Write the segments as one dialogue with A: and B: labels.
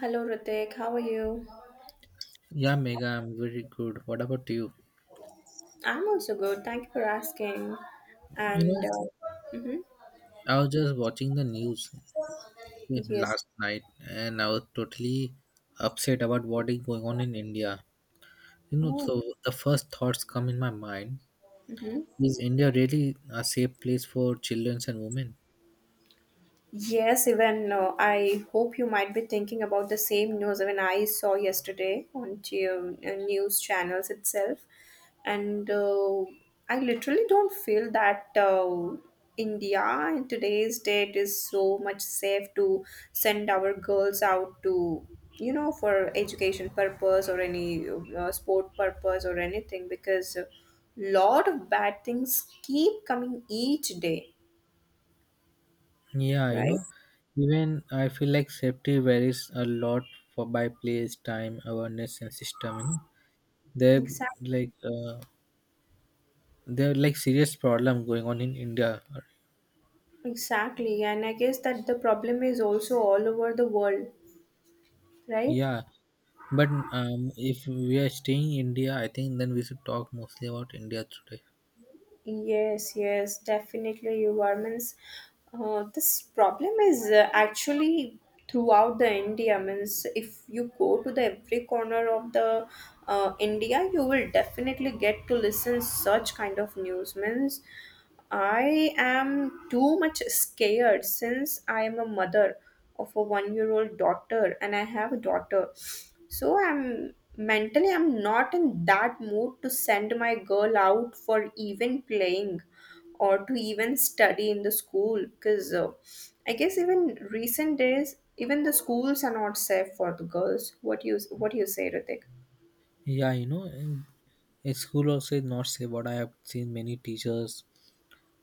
A: Hello, Ritik. How are you?
B: Yeah, Mega, I'm very good. What about you?
A: I'm also good. Thank you for asking.
B: You
A: And
B: know,
A: mhm.
B: I was just watching the news
A: Yes.
B: last night, and I was totally upset about what is going on in India. You know, so the first thoughts come in my mind
A: Hmm.
B: is India really a safe place for children and women?
A: Yes, even I hope you might be thinking about the same news even I saw yesterday on the news channels itself. And I literally don't feel that India in today's date is so much safe to send our girls out to, you know, for education purpose or any sport purpose or anything, because a lot of bad things keep coming each day,
B: Yeah, you
A: right?
B: know, even I feel like safety varies a lot for by place, time, awareness, and system. You know, they're
A: Exactly.
B: like uh, they're like serious problem going on in India.
A: Exactly, and I guess that the problem is also all over the world, right?
B: Yeah. But if we are staying in India, I think then we should talk mostly about India today.
A: Yes, yes, definitely. You are means this problem is actually throughout the India. Means if you go to the every corner of the India, you will definitely get to listen such kind of news. Means I am too much scared, since I am a mother of a 1 year old daughter, and I have a daughter. So I'm mentally I'm not in that mood to send my girl out for even playing or to even study in the school, because I guess even recent days even the schools are not safe for the girls. What you what do you say, Ritik?
B: Yeah, you know, in school also is not safe. What I have seen many teachers,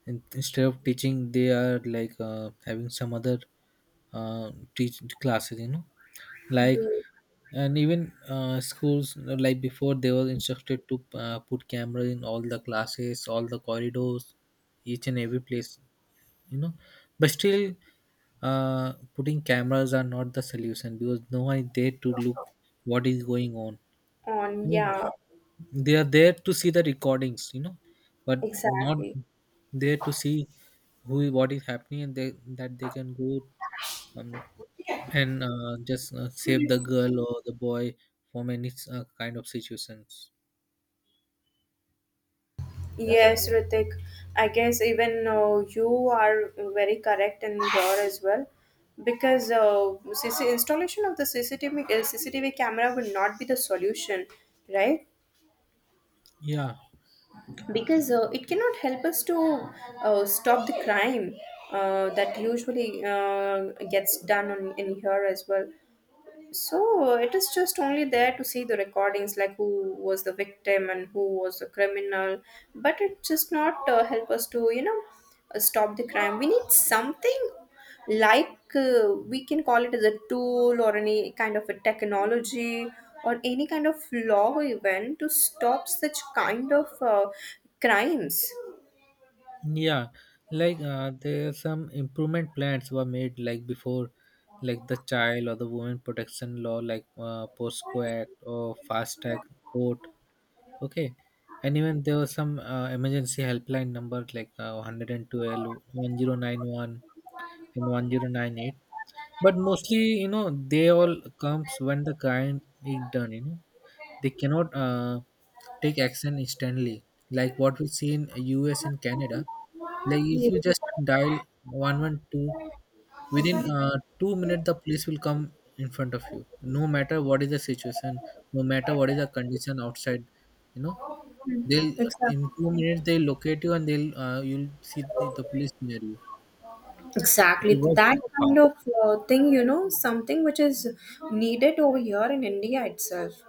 B: instead of teaching, they are having some other uh, teach classes. You know, like.
A: They-
B: And even schools like before they were instructed to put cameras in all the classes, all the corridors, each and every place. You know, but still putting cameras are not the solution because no one is there to look what is going on. You
A: on,
B: know,
A: yeah,
B: they are there to see the recordings, you know, but not
A: exactly.
B: there to see who what is happening, and they that they can go, um, and just save the girl or the boy from any kind of situations,
A: Yes, Ritik. I guess even you are very correct in here as well, because CC installation of the CCTV CCTV camera will not be the solution, right?
B: yeah.
A: Because it cannot help us to stop the crime that usually gets done on, in here as well. So it is just only there to see the recordings, like who was the victim and who was the criminal, but it just not help us to you know stop the crime. We need something like we can call it as a tool or any kind of a technology or any kind of law even to stop such kind of crimes.
B: Yeah, there some improvement plans were made like before, like the child or the woman protection law, like POSCO Act or Fast Act Court. Okay, and even there was some emergency helpline number like 112, 1091, and 1098. But mostly, you know, they all comes when the crime is done. You know, they cannot take action instantly like what we see in US and Canada. Like if
A: Yeah,
B: you just dial 112, within 2 minutes the police will come in front of you, no matter what is the situation, no matter what is the condition outside. You know, they'll in
A: exactly.
B: 2 minutes they'll locate you, and they'll you'll see the police near you.
A: Exactly.
B: They work
A: That
B: so
A: kind
B: fast.
A: of thing, you know, something which is needed over here in India itself.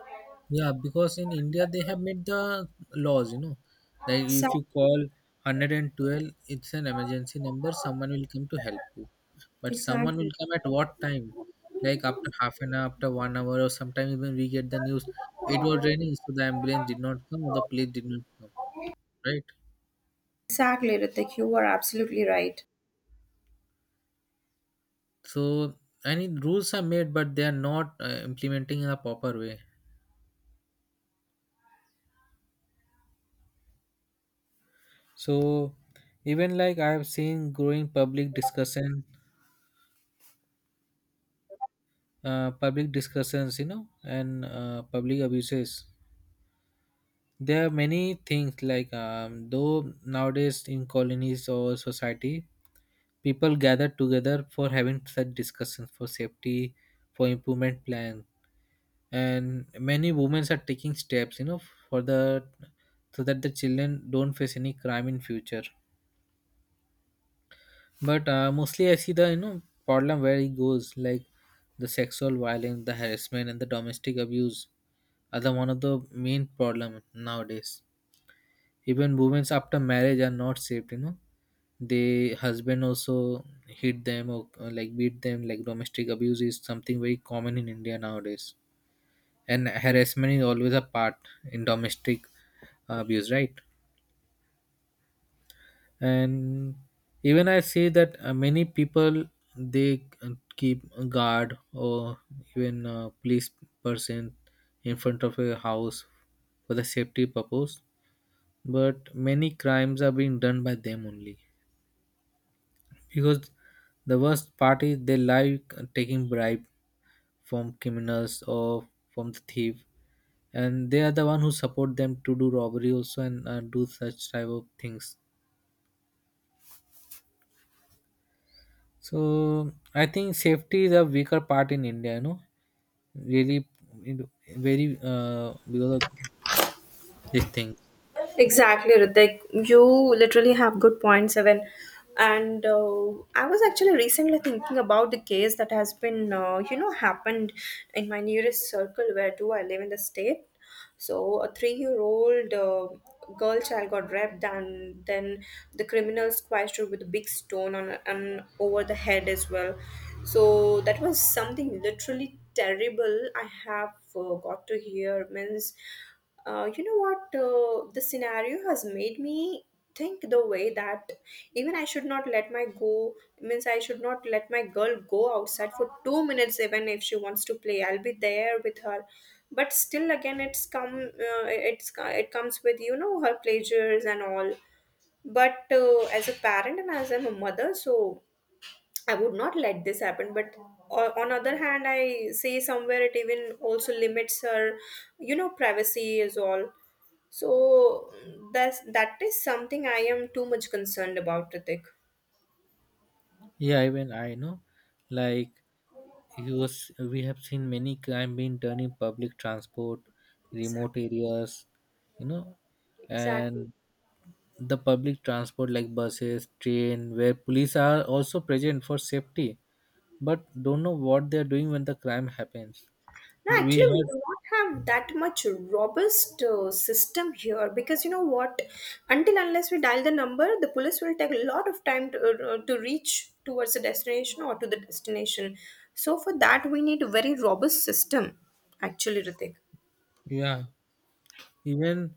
B: Yeah, because in India they have made the laws, you know, like if you
A: Exactly.
B: call 112, it's an emergency number, someone will come to help you. But someone will
A: Exactly.
B: come at what time? Like after half an hour, after 1 hour, or sometimes even we get the news it was raining, so the ambulance did not come or the police did not come, right?
A: Exactly, Ritik. You are absolutely right.
B: So any rules are made, but they are not implementing in a proper way. So, even like I have seen growing public discussions, you know, and public abuses. There are many things like though nowadays in colonies or society people gather together for having such discussions for safety, for improvement plan, and many women are taking steps, you know, for the, so that the children don't face any crime in future. But mostly I see the, you know, problem where it goes like the sexual violence, the harassment, and the domestic abuse are the one of the main problem nowadays. Even women after marriage are not saved. You know, the husband also hit them or like beat them. Like domestic abuse is something very common in India nowadays, and harassment is always a part in domestic abuse, right? And even I see that many people, they keep a guard or even a police person in front of a house for the safety purpose, but many crimes are being done by them only because the worst part is they like taking bribe from criminals or from the thief, and they are the one who support them to do robbery also and do such type of things. So I think safety is a weaker part in India. You know, really, it- very because of this thing.
A: Exactly, Ritik. You literally have good points, Evan. And I was actually recently thinking about the case that has been, you know, happened in my nearest circle where do I live in the state. So a three-year-old girl child got raped, and then the criminals squashed her with a big stone on and over the head as well. So that was something literally terrible. I have got to hear means you know what? The scenario has made me think the way that even I should not let my go means I should not let my girl go outside for 2 minutes even if she wants to play. I'll be there with her, but still again it's come it's it comes with you know her pleasures and all. But as a parent and as I'm a mother, so I would not let this happen. But on other hand, I say somewhere it even also limits her, you know, privacy is all. So that is something I am too much concerned about, Ritik.
B: Yeah, even I know, like he was. We have seen many crime being done in public transport, remote
A: Exactly.
B: areas. You know,
A: Exactly.
B: and the public transport like buses, train, where police are also present for safety, but don't know what they are doing when the crime happens.
A: No,
B: We
A: actually, we
B: had
A: do not have that much robust system here, because you know what? Until unless we dial the number, the police will take a lot of time to reach towards the destination or to the destination. So for that, we need a very robust system, actually, Ritik.
B: yeah even.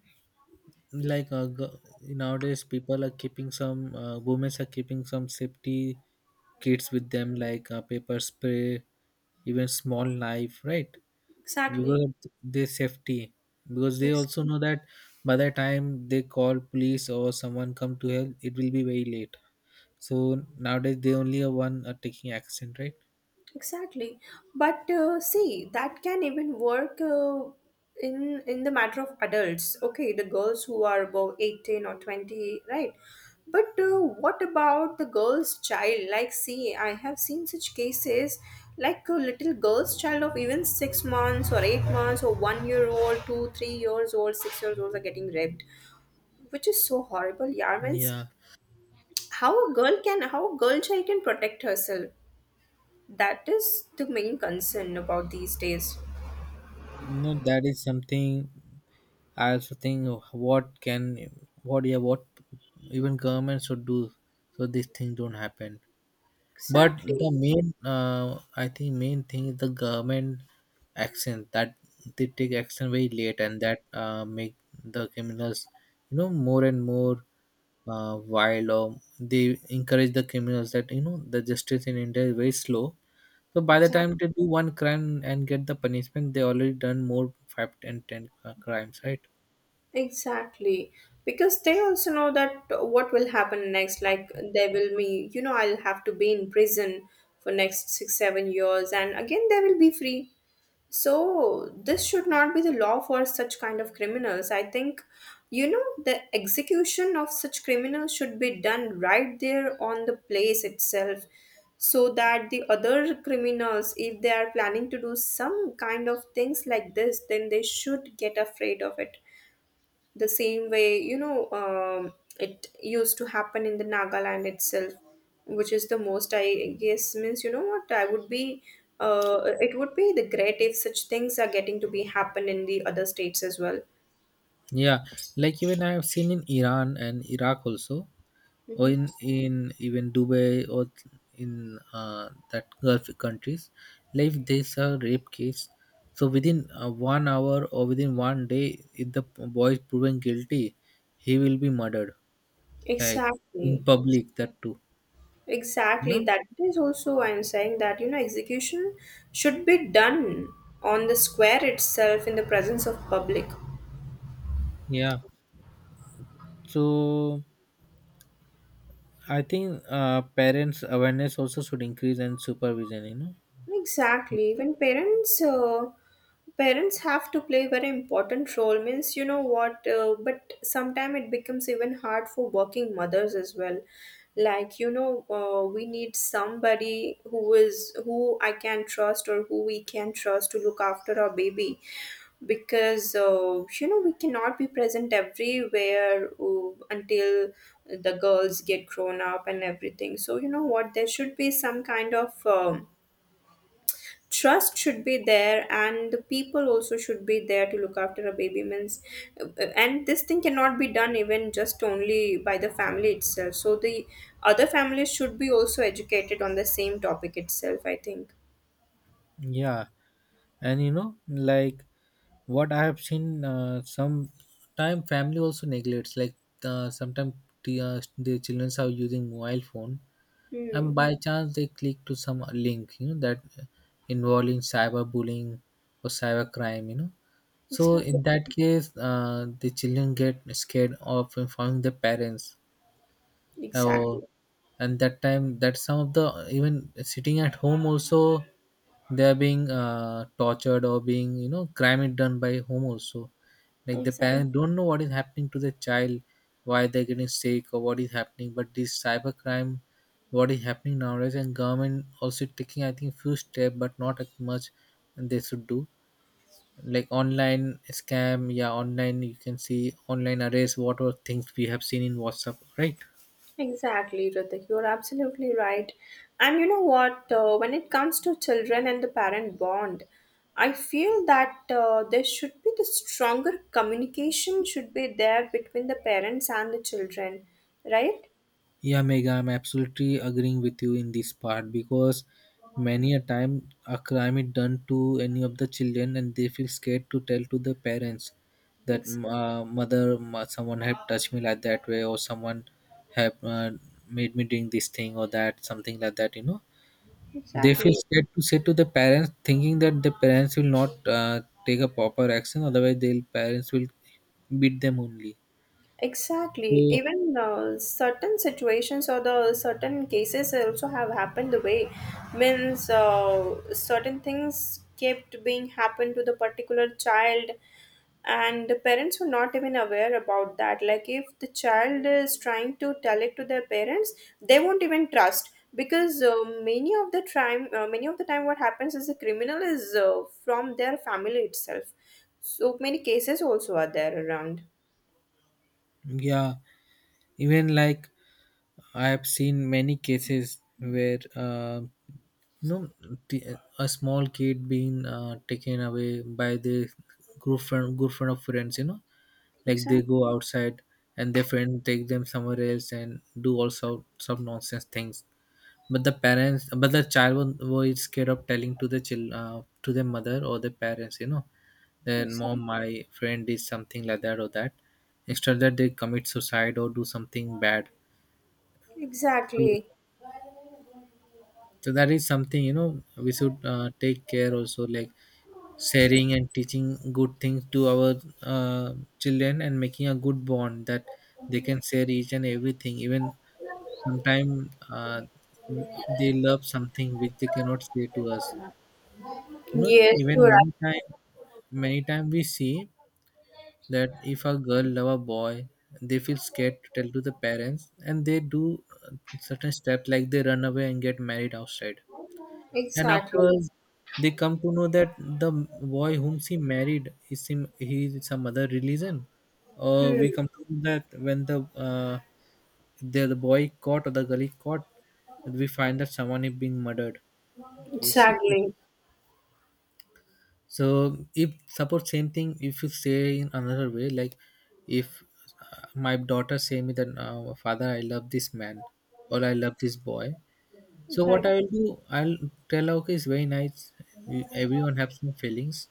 B: Nowadays people are keeping some women are keeping some safety kits with them like paper spray, even small knife, right? Because
A: Exactly.
B: of their safety, because they also know that by the time they call police or someone come to help, it will be very late. So nowadays they only are one are taking action, right?
A: Exactly. But see, that can even work in the matter of adults. Okay, the girls who are above 18 or 20, right? But what about the girl's child? Like, see, I have seen such cases like a little girl's child of even 6 months or 8 months or 1 year old, two, 3 years old, 6 years olds are getting raped, which is so horrible. Yeah, means
B: Yeah,
A: how a girl can, how a girl child can protect herself, that is the main concern about these days.
B: no, that is something I also think of, what can what even government should do so these things don't happen. But
A: Exactly.
B: the main I think main thing is the government action, that they take action very late, and that make the criminals, you know, more and more wild, or they encourage the criminals that, you know, the justice in India is very slow. So by the
A: Exactly.
B: time they do one crime and get the punishment, they already done more five and ten crimes, right?
A: Exactly. Because they also know that what will happen next. Like they will me, you know, I'll have to be in prison for next six, 7 years, and again they will be free. So this should not be the law for such kind of criminals. I think, you know, the execution of such criminals should be done right there on the place itself, so that the other criminals, if they are planning to do some kind of things like this, then they should get afraid of it the same way you know it used to happen in the Nagaland itself, which is the most I guess means you know what I would be it would be the great if such things are getting to be happen in the other states as well.
B: Yeah, like even I have seen in Iran and Iraq also, or
A: Hmm.
B: in even Dubai or in that Gulf countries, like there's a rape case. So within 1 hour or within 1 day, if the boy is proven guilty, he will be murdered, like in
A: Exactly,
B: public. That too,
A: exactly,
B: no?
A: that is also I'm saying that you know execution should be done on the square itself in the presence of public.
B: Yeah. So I think parents' awareness also should increase and supervision. You know.
A: Exactly. When parents parents have to play very important role means you know what but sometimes it becomes even hard for working mothers as well, like you know we need somebody who is who I can trust or who we can trust to look after our baby, because you know we cannot be present everywhere until the girls get grown up and everything, so you know what, there should be some kind of trust should be there, and the people also should be there to look after a baby means, and this thing cannot be done even just only by the family itself, so the other families should be also educated on the same topic itself I think.
B: Yeah. And you know, like what I have seen, some time family also neglects like sometimes the children are using mobile phone,
A: Hmm.
B: and by chance they click to some link, you know, that involving cyberbullying or cybercrime, you know. So
A: Exactly.
B: in that case, the children get scared of informing the parents.
A: Exactly,
B: Oh, and that time, that some of the even sitting at home also, they are being tortured or being, you know, crime is done by home also. Like the
A: exactly.
B: parents don't know what is happening to the child, why they're getting sick or what is happening. But this cyber crime, what is happening nowadays, and government also taking I think few step, but not as much they should do. Like online scam, yeah, online you can see online arrays, whatever things we have seen in WhatsApp, right?
A: Exactly, Ritik. You're absolutely right. And you know what? When it comes to children and the parent bond, I feel that there should be the stronger communication should be there between the parents and the children, right?
B: Yeah, Mega, I'm absolutely agreeing with you in this part, because many a time a crime is done to any of the children, and they feel scared to tell to the parents that
A: Ex-
B: someone have touched me like that way, or someone have made me doing this thing or that, something like that, you know. They feel
A: exactly.
B: scared to say to the parents thinking that the parents will not take a proper action, otherwise the parents will beat them only.
A: Exactly.
B: So
A: Even certain situations or the certain cases also have happened the way means certain things kept being happened to the particular child, and the parents were not even aware about that, like if the child is trying to tell it to their parents they won't even trust, because many of the time what happens is the criminal is from their family itself, so many cases also are there around.
B: yeah. Even like I have seen many cases where you know, t- a small kid being taken away by the group friend of friends. You know, like they
A: Exactly.
B: go outside and their friend take them somewhere else and do all sort some nonsense things. But the parents, but was scared of telling to the child, to the mother or the parents, you know, then mom,
A: Exactly.
B: my friend did something like that or that. Instead that they commit suicide or do something bad. So,
A: Exactly.
B: so that is something, you know, we should take care also, like sharing and teaching good things to our children, and making a good bond that they can share each and everything. Even sometimes they love something which they cannot say to us. You know,
A: Yes, you're right.
B: many time we see that if a girl love a boy, they feel scared to tell to the parents, and they do certain step like they run away and get married outside. And
A: Exactly.
B: afterwards, they come to know that the boy whom she married is him, he is some other religion. Or we
A: Hmm.
B: come to know that when the the boy caught or the girl is caught, we find that someone is being murdered. You see.
A: Exactly.
B: So if suppose same thing, if you say in another way, like if my daughter say me that father, I love this man or I love this boy, so what
A: Exactly.
B: I will do, I'll tell her okay, it's very nice. Everyone have some feelings,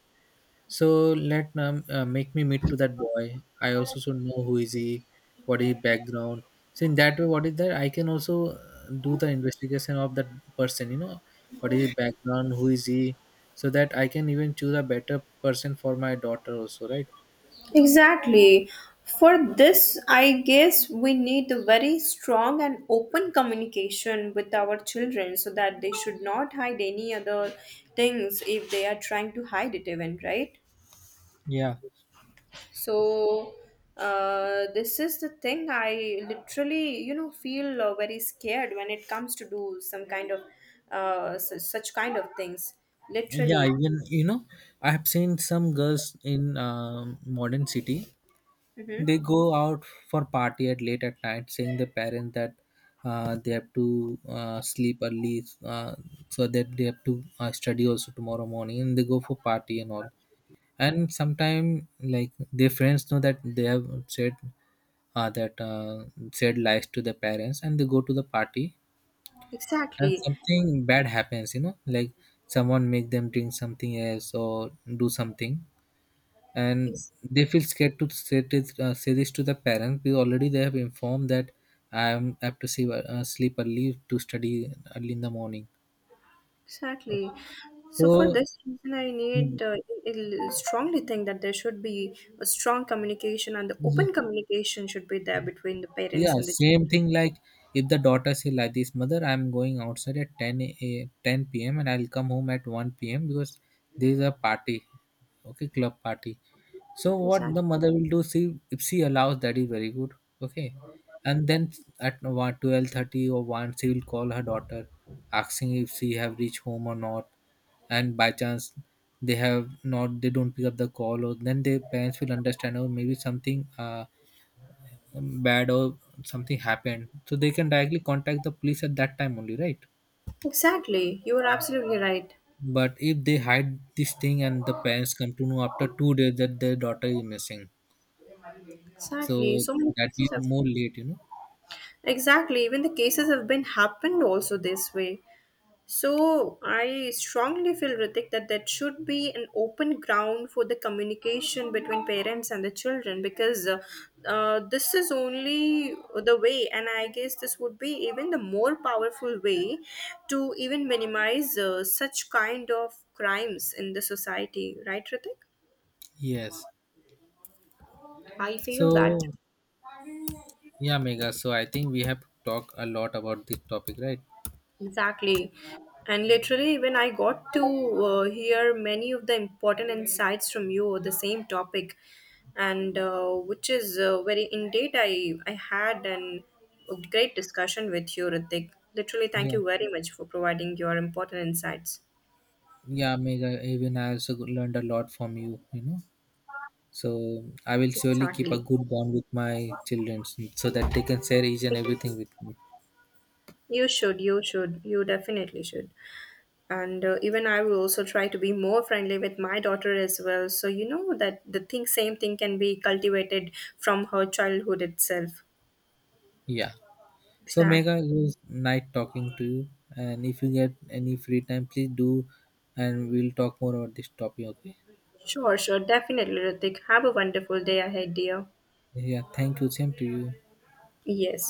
B: so let make me meet to that boy. I also should know who is he, what is his background. So in that way, what is that? I can also do the investigation of that person. You know, what is his background, who is he, so that I can even choose a better person for my daughter also, right?
A: Exactly. For this, I guess we need a very strong and open communication with our children, so that they should not hide any other things if they are trying to hide it, even, right?
B: Yeah,
A: So this is the thing I literally, you know, feel very scared when it comes to do some kind of such, such kind of things.
B: yeah.
A: Literally,
B: Even you know, I have seen some girls in modern city.
A: hmm,
B: They go out for party at late at night, saying the parents that they have to sleep early, so that they have to study also tomorrow morning, and they go for party and all. And sometime like their friends know that they have said that said lies to the parents and they go to the party, and
A: exactly.
B: something bad happens, you know, like someone make them drink something else or do something, and
A: Ex-
B: they feel scared to say say this to the parents because already they have informed that I have to sleep early to study early in the morning.
A: exactly. So for
B: So
A: this reason, I need
B: mm,
A: I strongly think that there should be a strong communication and the
B: y-
A: open communication should be there between the
B: yeah,
A: parents and the
B: same
A: children.
B: thing like if the daughter say like this, mother, I'm going outside at 10 p.m. and I'll come home at 1 p.m. because there is a party, okay, club party. So what the
A: Exactly.
B: mother will do, see if she allows, that is very good, okay. And then at one twelve thirty or one, she will call her daughter, asking if she have reached home or not. And by chance, they have not, they don't pick up the call, or then their parents will understand, or maybe something bad or something happened, so they can directly contact the police at that time only, right?
A: Exactly. You are absolutely right.
B: But if they hide this thing and the parents come to know after 2 days that their daughter is missing,
A: Exactly.
B: so
A: So many
B: that be
A: cases have,
B: more late, you know.
A: exactly, even the cases have been happened also this way. So I strongly feel, Ritik, that that should be an open ground for the communication between parents and the children, because this is only the way, and I guess this would be even the more powerful way to even minimize such kind of crimes in the society, right, Ritik?
B: Yes.
A: I feel
B: So
A: that.
B: yeah, Mega, so I think we have talked a lot about this topic, right?
A: Exactly. And literally, when I got to hear many of the important insights from you on the same topic, and which is very indeed, I had an, a great discussion with you, Ritik. Literally, thank
B: Yeah.
A: you very much for providing your important insights.
B: Yeah, Mega. Even I also learned a lot from you. You know. So I will surely keep a
A: Exactly.
B: good bond with my children, so that they can share each and everything with me.
A: You should, you should, you definitely should. And even I will also try to be more friendly with my daughter as well, so you know that the thing same thing can be cultivated from her childhood itself.
B: Yeah. So
A: Exactly.
B: Mega, it was nice talking to you. And if you get any free time, please do, and we'll talk more about this topic. Okay.
A: Sure, sure, definitely, Ritik. Have a wonderful day ahead, dear.
B: Yeah. Thank you. Same to you.
A: Yes.